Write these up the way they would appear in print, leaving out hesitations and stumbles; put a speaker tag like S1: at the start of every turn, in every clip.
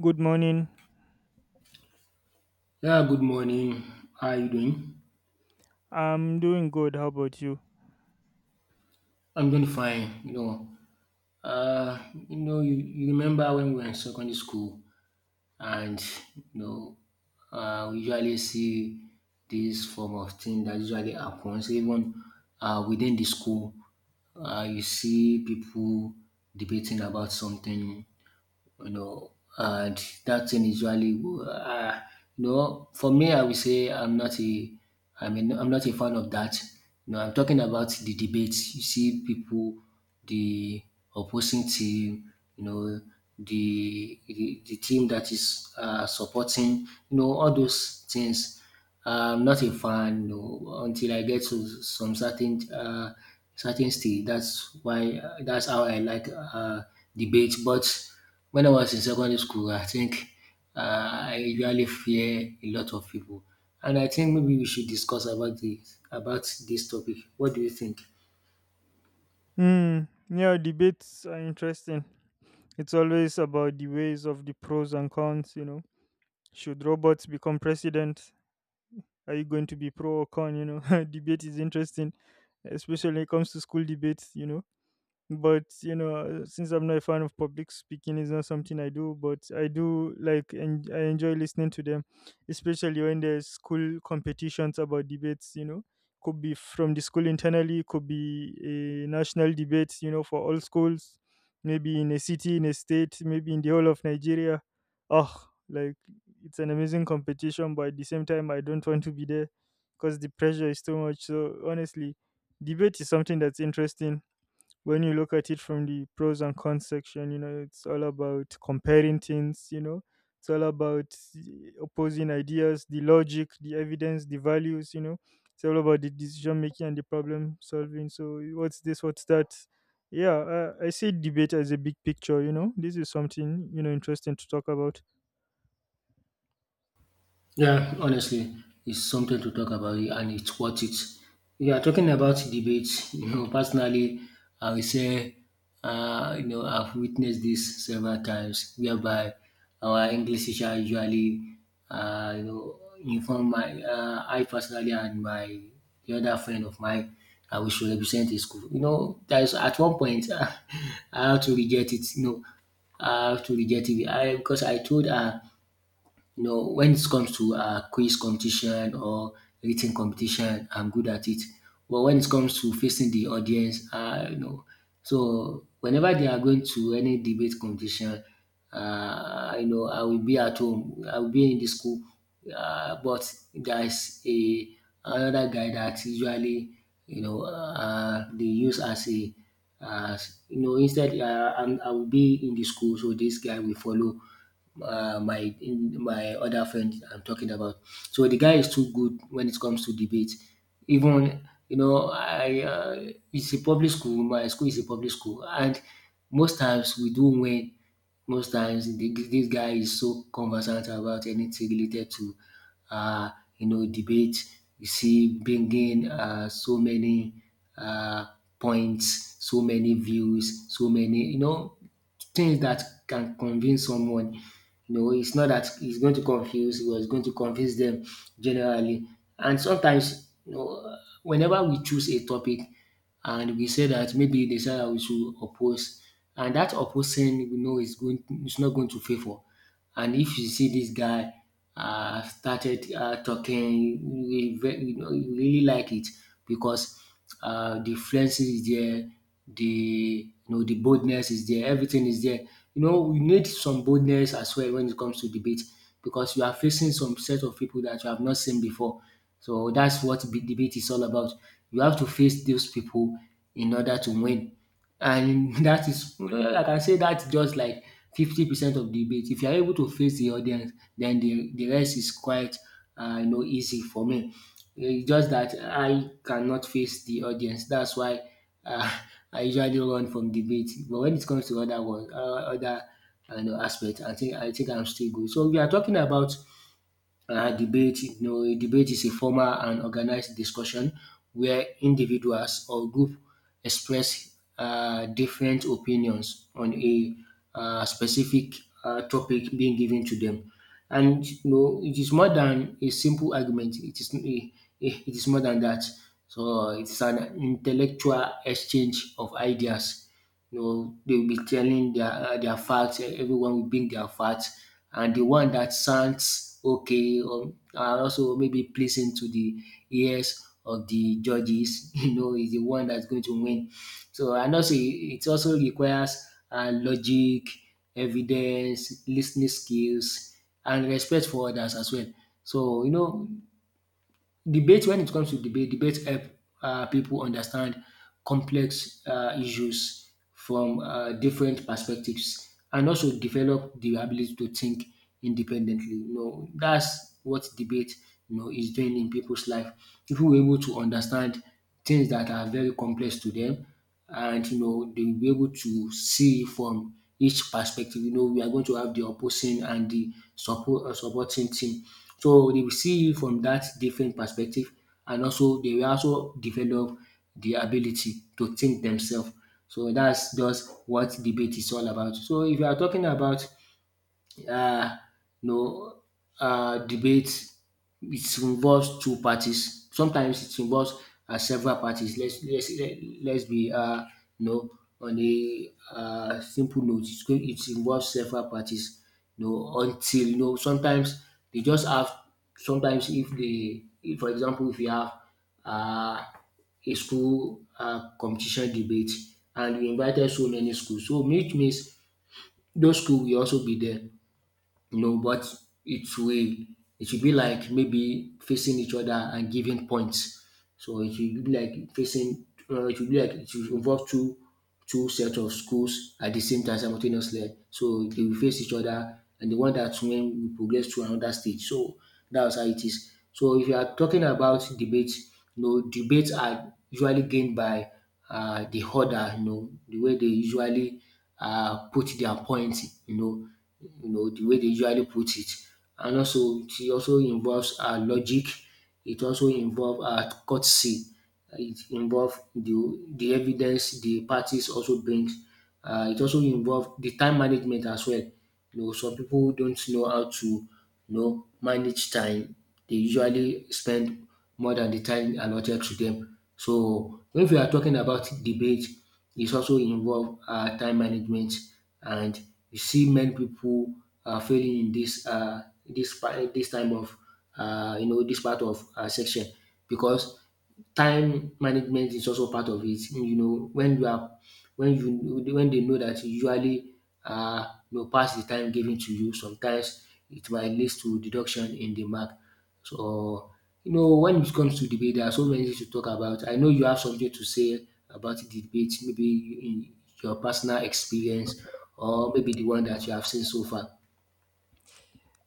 S1: Good morning.
S2: Yeah, good morning. How are you doing?
S1: I'm doing good. How about you?
S2: I'm doing fine. You remember when we were in secondary school, and you know, we usually see this form of thing that usually happens even within the school. You see people debating about something, you know, and that thing is usually, for me, I would say I mean, I'm not a fan of that. I'm talking about the debates. You see people, the opposing team, the team that is supporting, all those things. I'm not a fan, no, until I get to some certain stage. That's how I like debate. But when I was in secondary school, I think I usually fear a lot of people, and I think maybe we should discuss about this topic. What do you think?
S1: Hmm. Yeah, debates are interesting. It's always about the ways of the pros and cons. Should robots become president? Are you going to be pro or con? Debate is interesting, especially when it comes to school debates. But since I'm not a fan of public speaking, it's not something I do, but I do like and I enjoy listening to them, especially when there's school competitions about debates. Could be from the school internally, could be a national debate for all schools, maybe in a city, in a state, maybe in the whole of Nigeria. Oh, like, it's an amazing competition, but at the same time I don't want to be there because the pressure is too much. So honestly, debate is something that's interesting. When you look at it from the pros and cons section, it's all about comparing things, it's all about the opposing ideas, the logic, the evidence, the values, it's all about the decision making and the problem solving. So, what's this, what's that? Yeah, I see debate as a big picture, this is something you know, interesting to talk about.
S2: Yeah, honestly, it's something to talk about it, and it's worth it. We are talking about debates. Personally, I will say, I've witnessed this several times, whereby our English teacher usually, inform I personally and my the other friend of mine, we should represent his school. There's at one point, I had to reject it. I have to reject it. I Because I told her, when it comes to quiz competition or written competition, I'm good at it. But when it comes to facing the audience, so whenever they are going to any debate competition, I will be at home. I will be in the school. But there's a another guy that usually they use as a, as you know, instead I will be in the school, so this guy will follow my other friend I'm talking about. So the guy is too good when it comes to debate. Even you know, I it's a public school. My school is a public school, and most times we do win. Most times, this guy is so conversant about anything related to uh, debate. You see bringing so many uh, points, so many views, so many things that can convince someone. It's not that it's going to confuse or was going to convince them generally. And sometimes, whenever we choose a topic, and we say that maybe they say that we should oppose, and that opposing, we know, is not going to favor. And if you see this guy started talking, we, ve- you know, you really like it, because the fluency is there, the you know the boldness is there, everything is there. We need some boldness as well when it comes to debate, because you are facing some set of people that you have not seen before. So that's what debate is all about. You have to face those people in order to win, and that is I can say that's just like 50% of debate. If you are able to face the audience, then the rest is quite easy for me. It's just that I cannot face the audience. That's why uh, I usually run from debate. But when it comes to other one, aspect, I think I'm still good. So we are talking about debate. A debate is a formal and organized discussion where individuals or group express different opinions on a specific topic being given to them. And it is more than a simple argument. It is more than that. So it's an intellectual exchange of ideas. They will be telling their facts. Everyone will bring their facts, and the one that sounds okay, or and also maybe pleasing to the ears of the judges, is the one that's going to win. So and also it also requires logic, evidence, listening skills, and respect for others as well. So you know Debate when it comes to debate, debate help people understand complex issues from different perspectives, and also develop the ability to think independently. That's what debate is doing in people's life. If we were able to understand things that are very complex to them, and they will be able to see from each perspective. We are going to have the opposing and the supporting team. So they will see it from that different perspective, and also they will also develop the ability to think themselves. So that's just what debate is all about. So if you are talking about uh, no debate, it involves two parties. Sometimes it involves several parties. Let's be you know on a simple note. It involves several parties. No, until sometimes they just have, sometimes if they if, for example, if you have uh, a school competition debate, and you invited so many schools, so which means those schools will also be there, but it's way it should be like maybe facing each other and giving points. So it should be like facing. It should be like it should involve two sets of schools at the same time simultaneously. So they will face each other, and the one that win will progress to another stage. So that's how it is. So if you are talking about debates, debates are usually gained by the order. The way they usually put their point, you know de way dey usually put it. And also it also involves logic, it also involve courtesy. It involves the evidence the parties also brings. It also involves the time management as well. Some people don't know how to manage time. They usually spend more than the time allotted to them. So when we are talking about debate, it also involve time management, and you see many people are failing in this part, this time of this part of section, because time management is also part of it. You know, when you are when you when they know that you usually pass the time given to you, sometimes it might lead to deduction in the mark. So when it comes to debate, there are so many things to talk about. I know you have something to say about the debate, maybe in your personal experience, or maybe the one that you have seen so far.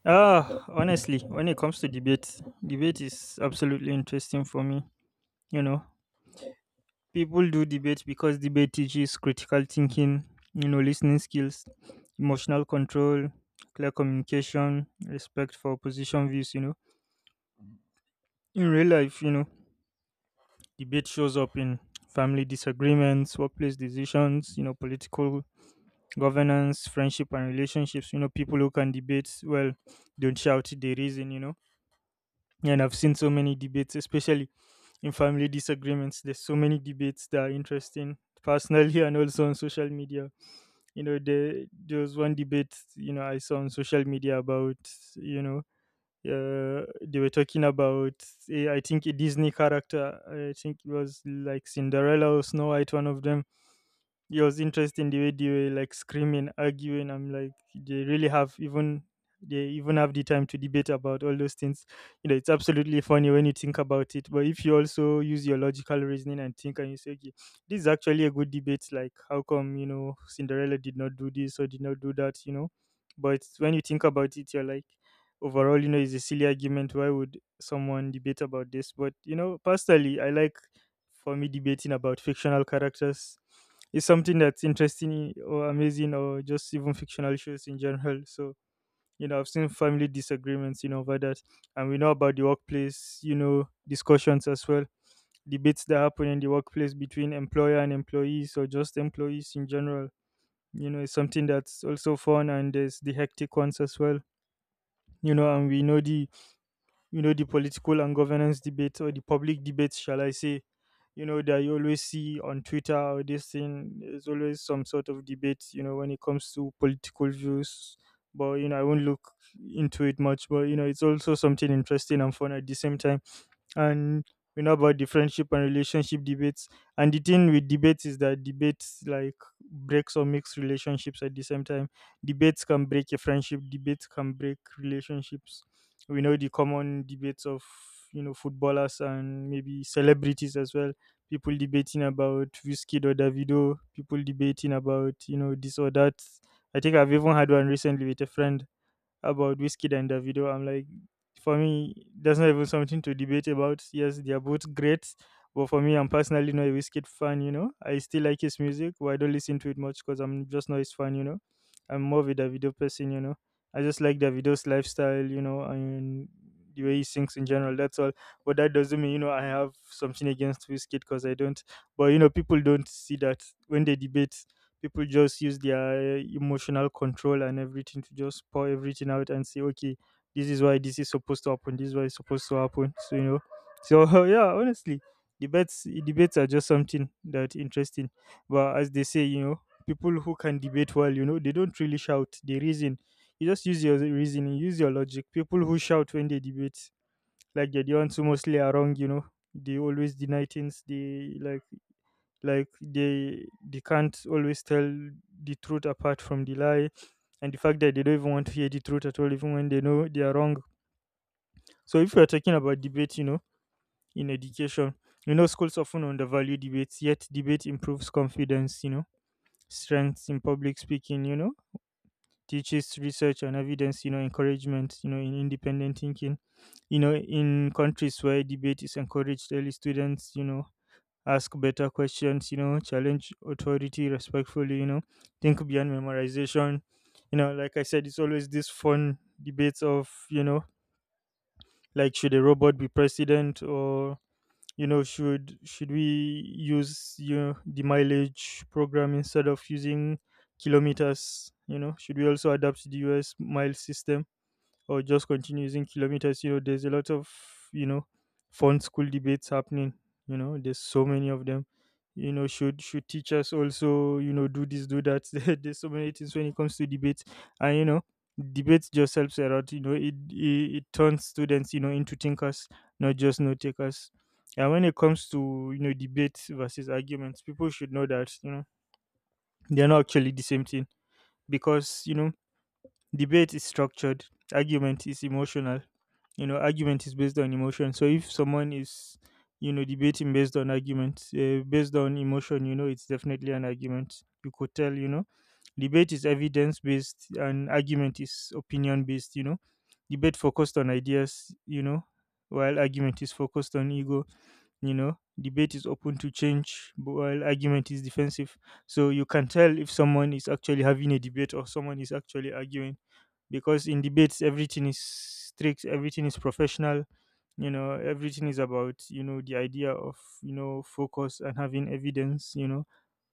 S1: Ah, honestly, when it comes to debate, debate is absolutely interesting for me, you know People do debate because debate teaches critical thinking, you know, listening skills, emotional control, clear communication, respect for opposition views. In real life, you know, debate shows up in family disagreements, workplace decisions, you know, political governance, friendship and relationships. People who can debate well don't shout, they reason. And I've seen so many debates, especially in family disagreements. There's so many debates that are interesting personally and also on social media. There was one debate you know I saw on social media about, you know they were talking about, I think, a Disney character. I think it was like Cinderella or Snow White, one of them. Yours interesting the way they were like screaming, arguing. I'm like, they really have even they even have the time to debate about all those things. You know, it's absolutely funny when you think about it. But if you also use your logical reasoning and think and you say, okay, this is actually a good debate, like, how come you know, Cinderella did not do this or did not do that? But when you think about it, you're like, overall, you know, it's a silly argument. Why would someone debate about this? But personally I like, for me, debating about fictional characters, it's something that's interesting or amazing, or just even fictional shows in general. So you know, I've seen family disagreements you know, over that. And we know about the workplace you know, discussions as well, debates that happen in the workplace between employer and employees, or just employees in general. It's something that's also fun, and there's the hectic ones as well. You know, and we know the you know the political and governance debate, or the public debates, shall I say, you know that you always see on Twitter or this thing. There's always some sort of debate you know when it comes to political views. But you know I won't look into it much. But you know it's also something interesting and fun at the same time. And we know about the friendship and relationship debates. And the thing with debates is that debates, like, breaks or makes relationships at the same time. Debates can break a friendship. Debates can break relationships. We know the common debates of you know footballers and maybe celebrities as well. People debating about Wizkid or Davido. People debating about you know this or that. I think I've even had one recently with a friend about Wizkid and Davido. I'm like, for me, that's not even something to debate about. Yes, they are both great, but for me, I'm personally not a Wizkid fan. I still like his music, but I don't listen to it much because I'm just not his fan. I'm more of a Davido person. I just like Davido's lifestyle. You know, and the way he sings in general. That's all. But that doesn't mean you know I have something against Wizkid, because I don't. But you know, people don't see that. When they debate, people just use their emotional control and everything to just pour everything out and say, okay, this is why this is supposed to happen, this is why it's supposed to happen. Yeah, honestly, debates are just something that interesting. But as they say, you know people who can debate well, you know they don't really shout, they reason. You just use your reasoning, use your logic. People who shout when they debate, like, they're the ones who mostly are wrong. You know they always deny things, they can't always tell the truth apart from the lie, and the fact that they don't even want to hear the truth at all, even when they know they are wrong. So if we are talking about debate, you know in education, you know schools often undervalue debates, yet debate improves confidence, you know strengths in public speaking, you know teaches research and evidence, you know encouragement you know in independent thinking. You know in countries where debate is encouraged early, students you know ask better questions, you know, challenge authority respectfully, you know, think beyond memorization. Like I said, it's always this fun debates of, you know, like, should a robot be president, or you know, should we use you know the mileage program instead of using kilometers? You know, should we also adapt to the US mile system, or just continue using kilometers? You know, there's a lot of you know, fun school debates happening. You know, there's so many of them. You know, Should teachers also, you know, do this, do that? There's so many things when it comes to debates. And you know, debates just helps a lot. You know, It turns students you know, into thinkers, not just note takers. And when it comes to you know, debates versus arguments, people should know that you know, they're not actually the same thing. Because, debate is structured, argument is emotional. You know, argument is based on emotion. So if someone is you know, debating based on argument, based on emotion, you know, it's definitely an argument. You could tell, you know, debate is evidence based and argument is opinion based. You know, debate focused on ideas, You know, while argument is focused on ego. You know, debate is open to change, but while argument is defensive. So you can tell if someone is actually having a debate or someone is actually arguing, because in debates everything is strict, everything is professional. You know everything is about you know the idea of you know focus and having evidence. You know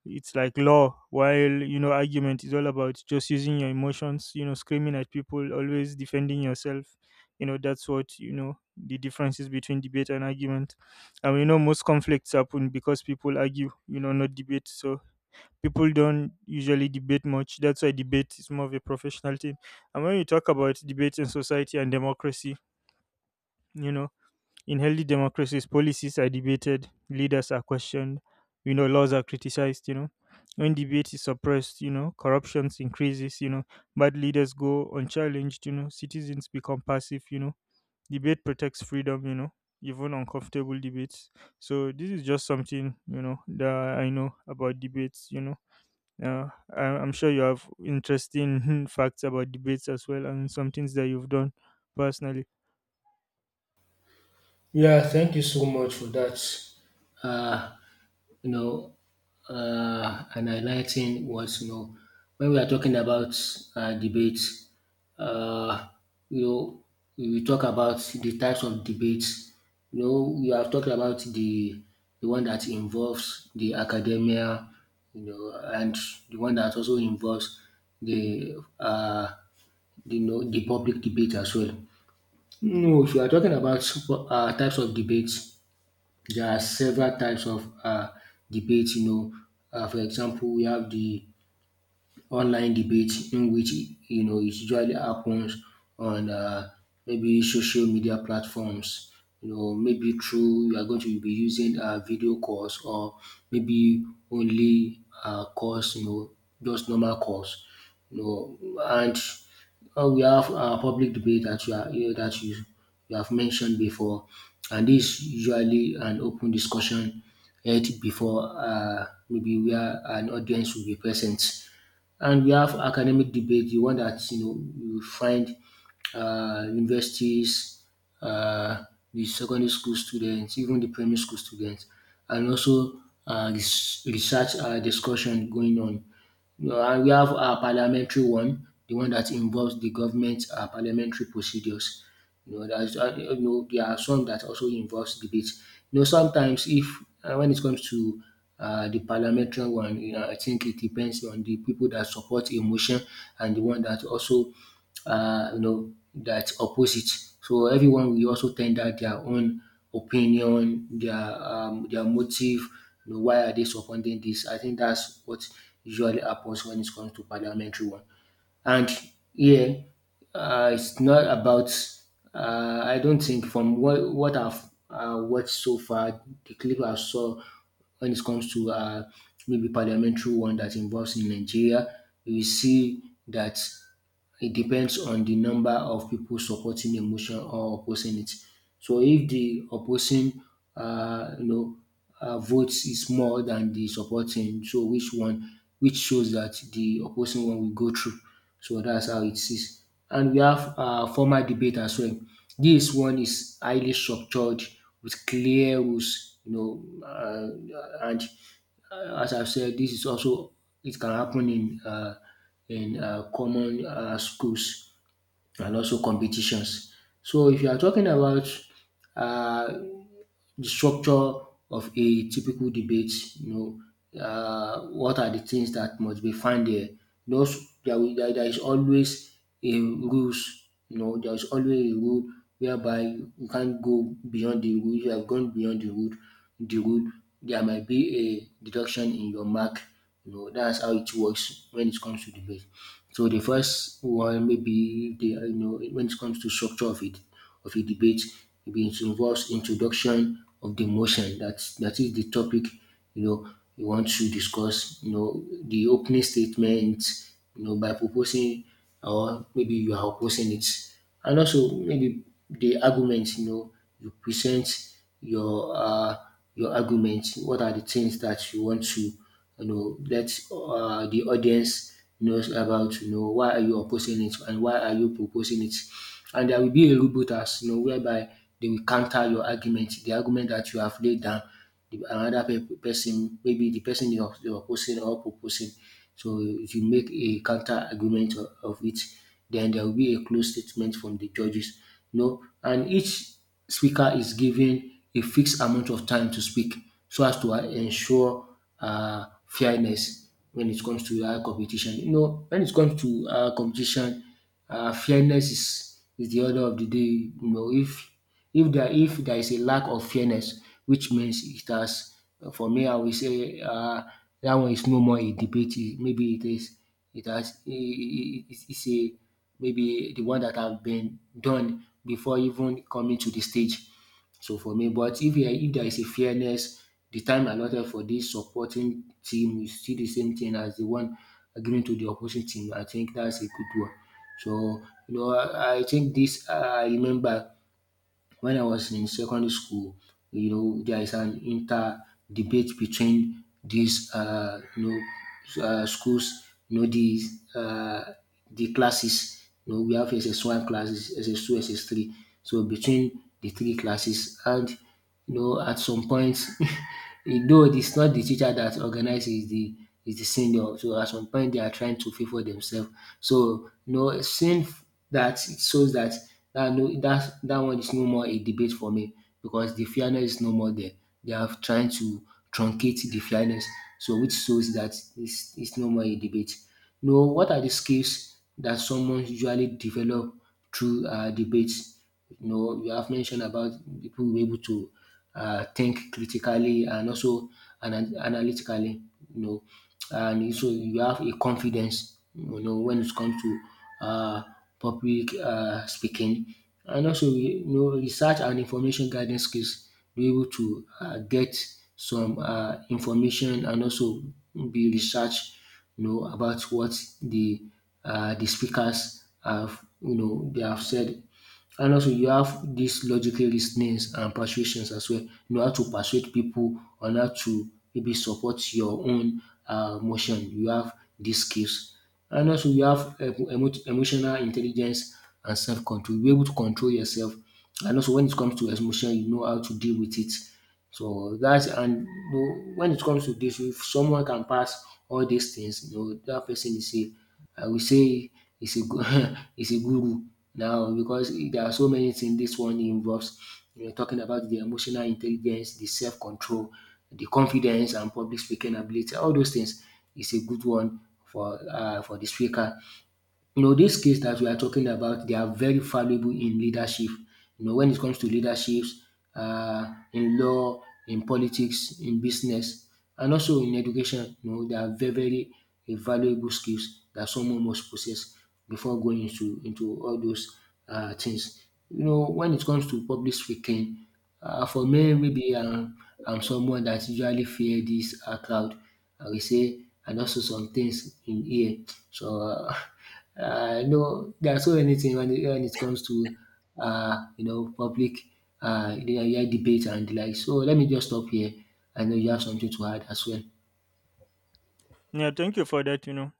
S1: it's like law, while you know argument is all about just using your emotions, you know screaming at people, always defending yourself. You know that's what you know the difference is between debate and argument. And we know most conflicts happen because people argue, you know not debate. So people don't usually debate much. That's why debate is more of a professional thing. And when you talk about debate in society and democracy, you know, in healthy democracies, policies are debated, leaders are questioned, you know, laws are criticized. When debate is suppressed, you know, corruptions increases, you know, bad leaders go unchallenged, you know, citizens become passive. Debate protects freedom, you know, even uncomfortable debates. So this is just something you know, that I know about debates. Yeah, I'm sure you have interesting facts about debates as well, and some things that you've done personally.
S2: Yeah, thank you so much for that. Uh, you know, and highlighting was, when we are talking about debates, uh, you know, we talk about the types of debates. We have talked about the one that involves the academia, and the one that also involves the uh, the public debate as well. No, if you are talking about types of debates, there are several types of debates. For example, we have the online debate, in which it usually happens on maybe social media platforms. Maybe through you are going to be using video calls, or maybe only calls. Just normal calls. And we have a public debate that you are you know, that you have mentioned before, and this is usually an open discussion held before, maybe where an audience will be present. And we have academic debate, the one that you find universities, uh, the secondary school students, even the primary school students, and also research discussion going on. And we have our parliamentary one, the one that involves the government parliamentary procedures. There are some that also involves debate. Sometimes if when it comes to the parliamentary one, I think it depends on the people that support a motion, and the one that also that opposite. So everyone will also tender their own opinion, their motive. Why are they supporting this? I think that's what usually happens when it comes to parliamentary one. And yeah, it's not about. I don't think from what I've watched so far, the clip I saw when it comes to maybe parliamentary one that involves in Nigeria, you will see that it depends on the number of people supporting a motion or opposing it. So if the opposing uh, you know votes is more than the supporting, so which shows that the opposing one will go through. So that's how it is. And we have formal debate as well. This one is highly structured with clear rules, you know, and as I've said, this is also it can happen in common schools and also competitions. So if you are talking about uh, the structure of a typical debate, you know, what are the things that must be found there. There is always a rules, you know, there is always a rule whereby you can't go beyond the rule. You have gone beyond the rule, there might be a deduction in your mark. You know, that's how it works when it comes to debate. So the first one maybe the, you know, when it comes to structure of it of a debate, maybe it involves introduction of the motion, that is the topic, you know, you want to discuss. You know, the opening statement. You know, by proposing or maybe you are opposing it, and also maybe the argument. You know, you present your uh, your argument. What are the things that you want to, you know, let the audience knows about? You know, why are you opposing it and why are you proposing it? And there will be a rebuttal, you know, whereby they will counter your argument, the argument that you have laid down. The another person, maybe the person you're opposing or proposing, so if you make a counter argument of it, then there will be a closed statement from the judges. You know, and each speaker is given a fixed amount of time to speak so as to ensure fairness when it comes to competition. You know, when it comes to competition, fairness is the order of the day. You know, if if there is a lack of fairness, which means it has, for me, I will say that one is no more a debate. It- maybe it is it has it's a maybe the one that have been done before even coming to the stage. So for me, but if there is a fairness, the time allotted for this supporting team is still the same thing as the one given to the opposing team. I think that's a good one. So, you know, I think this I remember when I was in secondary school, you know, there is an inter debate between these, you know, schools, you know, uh, the classes. You know, we have SS1 classes, SS2, SS3. So between the three classes and, you know, at some point, though it's not the teacher that organizes, the is the senior. So at some point, they are trying to favor themselves. So, you know, seeing that it shows that that no that that one is no more a debate for me because the fairness is no more there. They are trying to truncate the fairness. So which shows that it's no more a debate. You know, what are the skills that someone usually develop through debates? You know, you have mentioned about people will be able to think critically and also analytically. You know, and so you have a confidence. You know, when it comes to uh, public speaking, and also, you know, research and information gathering skills. Be able to get some information and also be research. You know about what the the speakers have, you know, they have said, and also you have this logical reasonings and persuasions as well. You know how to persuade people on how to maybe support your own motion. You have these skills. And also you have emotional intelligence and self-control. You're able to control yourself. And also when it comes to emotion, you know how to deal with it. So that's, and you know, when it comes to this, if someone can pass all these things, you know, that person is a, I will say, is a is a guru now because there are so many things this one involves, you know, talking about the emotional intelligence, the self-control, the confidence and public speaking ability, all those things is a good one for for the speaker. You know, these skills that we are talking about, they are very valuable in leadership. You know, when it comes to leaderships, in law, in politics, in business, and also in education, you know, they are very, very valuable skills that someone must possess before going into all those things. You know, when it comes to public speaking, for me, maybe I'm someone that usually fear this crowd. I will say, and also some things in here. So, No, there are so many things when it comes to you know public yeah, debate and the like. So let me just stop here. I know you have something to add as well.
S1: Yeah, thank you for that.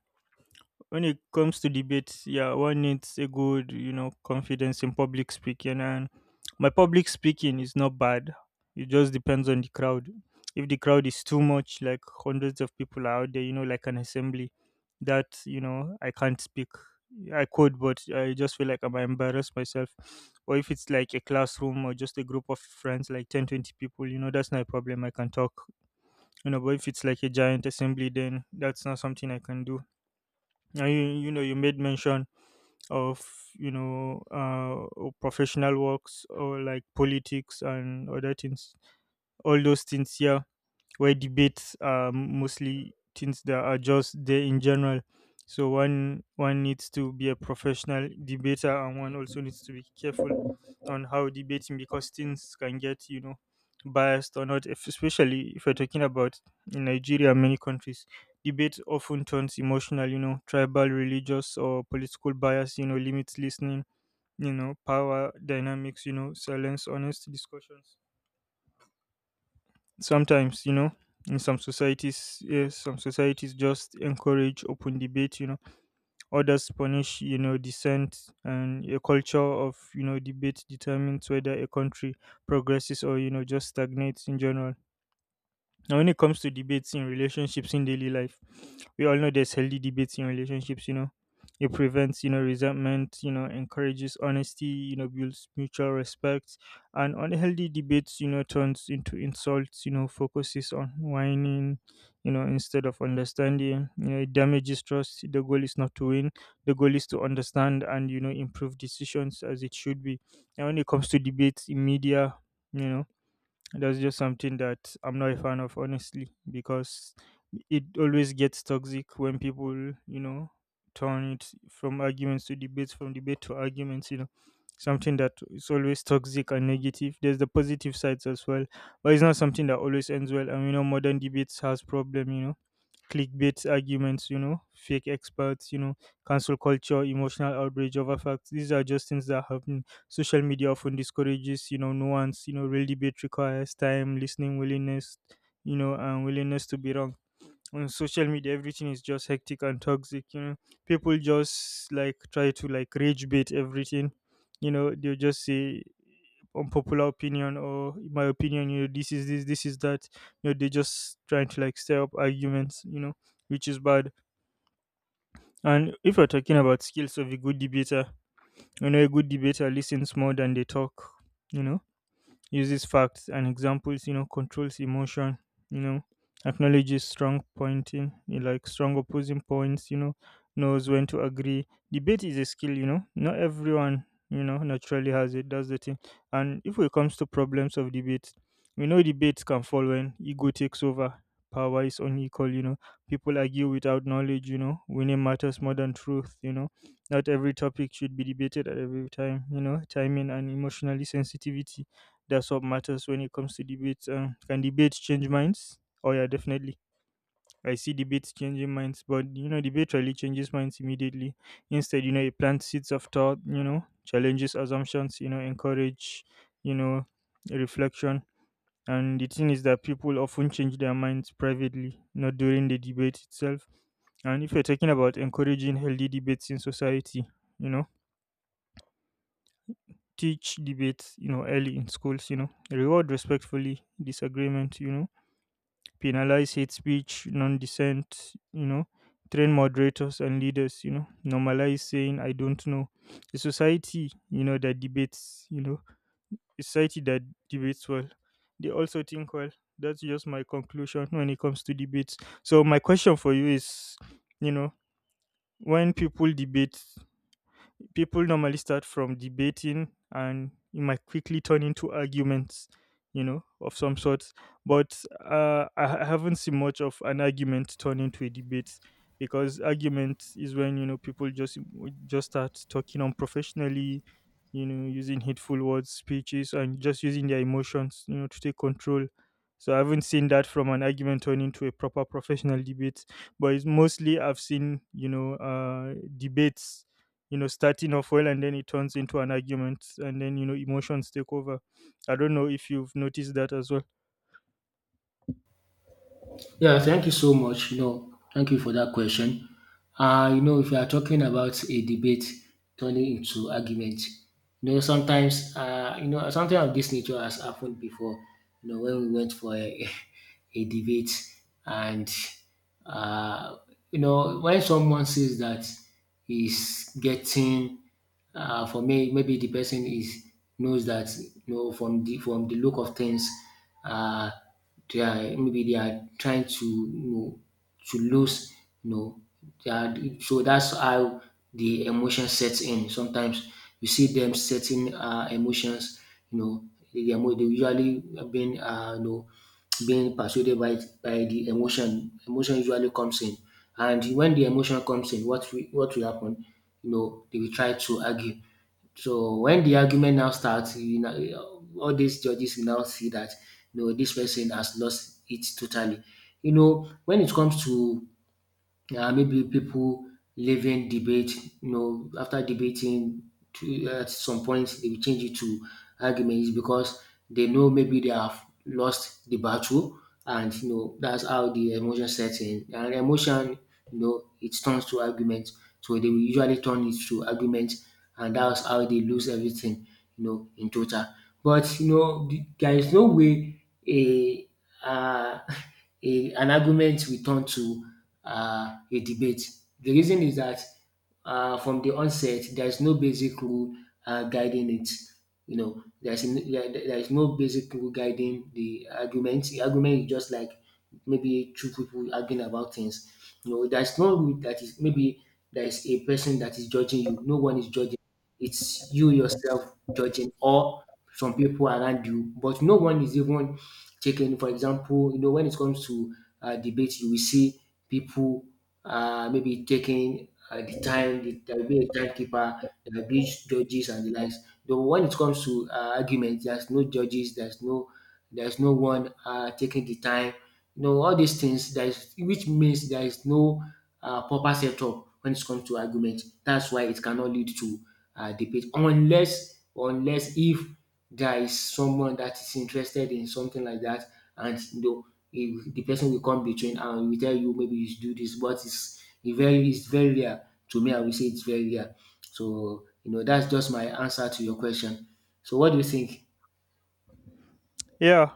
S1: When it comes to debates, yeah, one needs a good you know, confidence in public speaking. And my public speaking is not bad. It just depends on the crowd. If the crowd is too much, like hundreds of people are out there, you know, like an assembly, that, you know, I can't speak. I could, but I just feel like I might embarrass myself. Or if it's like a classroom or just a group of friends, like 10, 20 people, you know, that's not a problem. I can talk. You know, but if it's like a giant assembly, then that's not something I can do now. You know, you made mention of, you know, professional works or like politics and other things, all those things, yeah, where debates are mostly things that are just there in general. So one needs to be a professional debater, and one also needs to be careful on how debating, because things can get, you know, biased or not. If, especially if we're talking about in Nigeria, and many countries, debate often turns emotional. You know, tribal, religious, or political bias. You know, limits listening. You know, power dynamics. You know, silence, honest discussions sometimes, you know, in some societies. Yeah, some societies just encourage open debate, you know, others punish, you know, dissent, and a culture of, you know, debate determines whether a country progresses or, you know, just stagnates in general. Now, when it comes to debates in relationships in daily life, we all know there's healthy debates in relationships, you know. It prevents, you know, resentment, you know, encourages honesty, you know, builds mutual respect. And unhealthy debates, you know, turns into insults, you know, focuses on whining, you know, instead of understanding. You know, it damages trust. The goal is not to win. The goal is to understand and, you know, improve decisions as it should be. And when it comes to debates in media, you know, that's just something that I'm not a fan of, honestly, because it always gets toxic when people, you know, turn it from arguments to debates, from debate to arguments, you know. Something that is always toxic and negative. There's the positive sides as well, but it's not something that always ends well. And you know, modern debates has problem, you know, clickbait arguments, you know, fake experts, you know, cancel culture, emotional outrage over facts. These are just things that happen. Social media often discourages, you know, nuance. You know, real debate requires time, listening willingness, you know, and willingness to be wrong. On social media everything is just hectic and toxic, you know, people just like try to like rage bait everything. You know, they'll just say unpopular opinion or in my opinion, you know, this is that, you know, they just trying to like stir up arguments, you know, which is bad. And if you're talking about skills of a good debater, you know, a good debater listens more than they talk, you know, uses facts and examples, you know, controls emotion, you know, acknowledges strong pointing, you like strong opposing points, you know, knows when to agree. Debate is a skill, you know, not everyone, you know, naturally has it. That's the thing. And if it comes to problems of debate, we know debates can fall when ego takes over, power is unequal, you know, people argue without knowledge, you know, winning matters more than truth, you know, not every topic should be debated at every time, you know, timing and emotionally sensitivity, that's what matters when it comes to debates. Can debates change minds? Oh yeah, definitely. I see debates changing minds, but you know, debate really changes minds immediately. Instead, you know, it plants seeds of thought. You know, challenges assumptions. You know, encourage. You know, reflection. And the thing is that people often change their minds privately, not during the debate itself. And if you're talking about encouraging healthy debates in society, you know, teach debates, you know, early in schools, you know, reward respectfully disagreement, you know, penalize hate speech, non dissent, you know, train moderators and leaders, you know, normalize saying I don't know. A society, you know, that debates, you know, a society that debates well. They also think well. That's just my conclusion when it comes to debates. So my question for you is, you know, when people debate, people normally start from debating and it might quickly turn into arguments, you know, of some sort, but haven't seen much of an argument turn into a debate, because argument is when, you know, people just start talking unprofessionally, you know, using hateful words speeches and just using their emotions, you know, to take control. So I haven't seen that from an argument turn into a proper professional debate, but it's mostly I've seen, you know, debates, you know, starting off well and then it turns into an argument and then, you know, emotions take over. I don't know if you've noticed that as well.
S2: Yeah, thank you so much. You know, thank you for that question. You know, if you are talking about a debate turning into argument, you know, sometimes, you know, something of this nature has happened before. You know, when we went for a, a debate, and uh, you know, when someone says that he's getting, for me, maybe the person is knows that, you know, from the look of things, uh, they are maybe they are trying to, you know, to lose, you know. They are, so that's how the emotion sets in. Sometimes you see them setting emotions. You know, they are they usually being you know being persuaded by the emotion. Emotion usually comes in, and when the emotion comes in, what will happen? You know, they will try to argue, so when the argument now starts, you know, all these judges will now see that no, this person has lost it totally. You know, when it comes to maybe people leaving debate, you know, after debating to, at some point they will change it to arguments because they know maybe they have lost the battle, and you know that's how the emotion sets in, and emotion, you know, it turns to argument. So they will usually turn it to argument, and that's how they lose everything, you know, in total. But you know there is no way a uh, an argument will turn to a debate. The reason is that from the onset, there is no basic rule guiding it. You know, there is no basic rule guiding the argument. The argument is just like maybe two people arguing about things. You know, there's no rule that is maybe there is a person that is judging you. No one is judging. It's you yourself judging or some people around you, but no one is even taking. For example, you know, when it comes to debate, you will see people maybe taking the time, there will be a timekeeper, there will be judges and the likes. Though when it comes to arguments, there's no judges, there's no one taking the time. You know all these things. There is which means there is no proper setup when it comes to argument. That's why it cannot lead to debate unless unless if there is someone that is interested in something like that, and you know if the person will come between and will tell you maybe you should do this. But it's it's very rare, to me, I will say it's very rare. So, you know, that's just my answer to your question. So, what do you think?
S1: Yeah,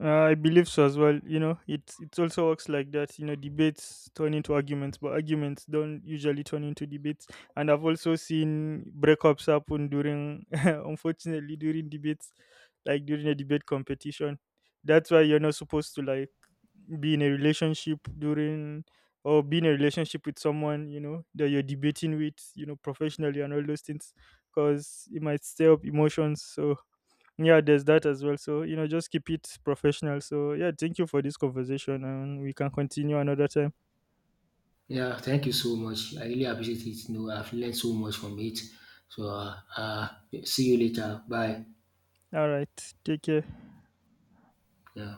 S1: I believe so as well. You know, it also works like that. You know, debates turn into arguments, but arguments don't usually turn into debates. And I've also seen breakups happen during, unfortunately, during debates, like during a debate competition. That's why you're not supposed to like be in a relationship during or be in a relationship with someone you know that you're debating with, you know, professionally and all those things, because it might stir up emotions. So yeah, there's that as well. So, you know, just keep it professional. So, yeah, thank you for this conversation and we can continue another time.
S2: Yeah, thank you so much. I really appreciate it. You know, I've learned so much from it. So, see you later. Bye.
S1: All right. Take care.
S2: Yeah.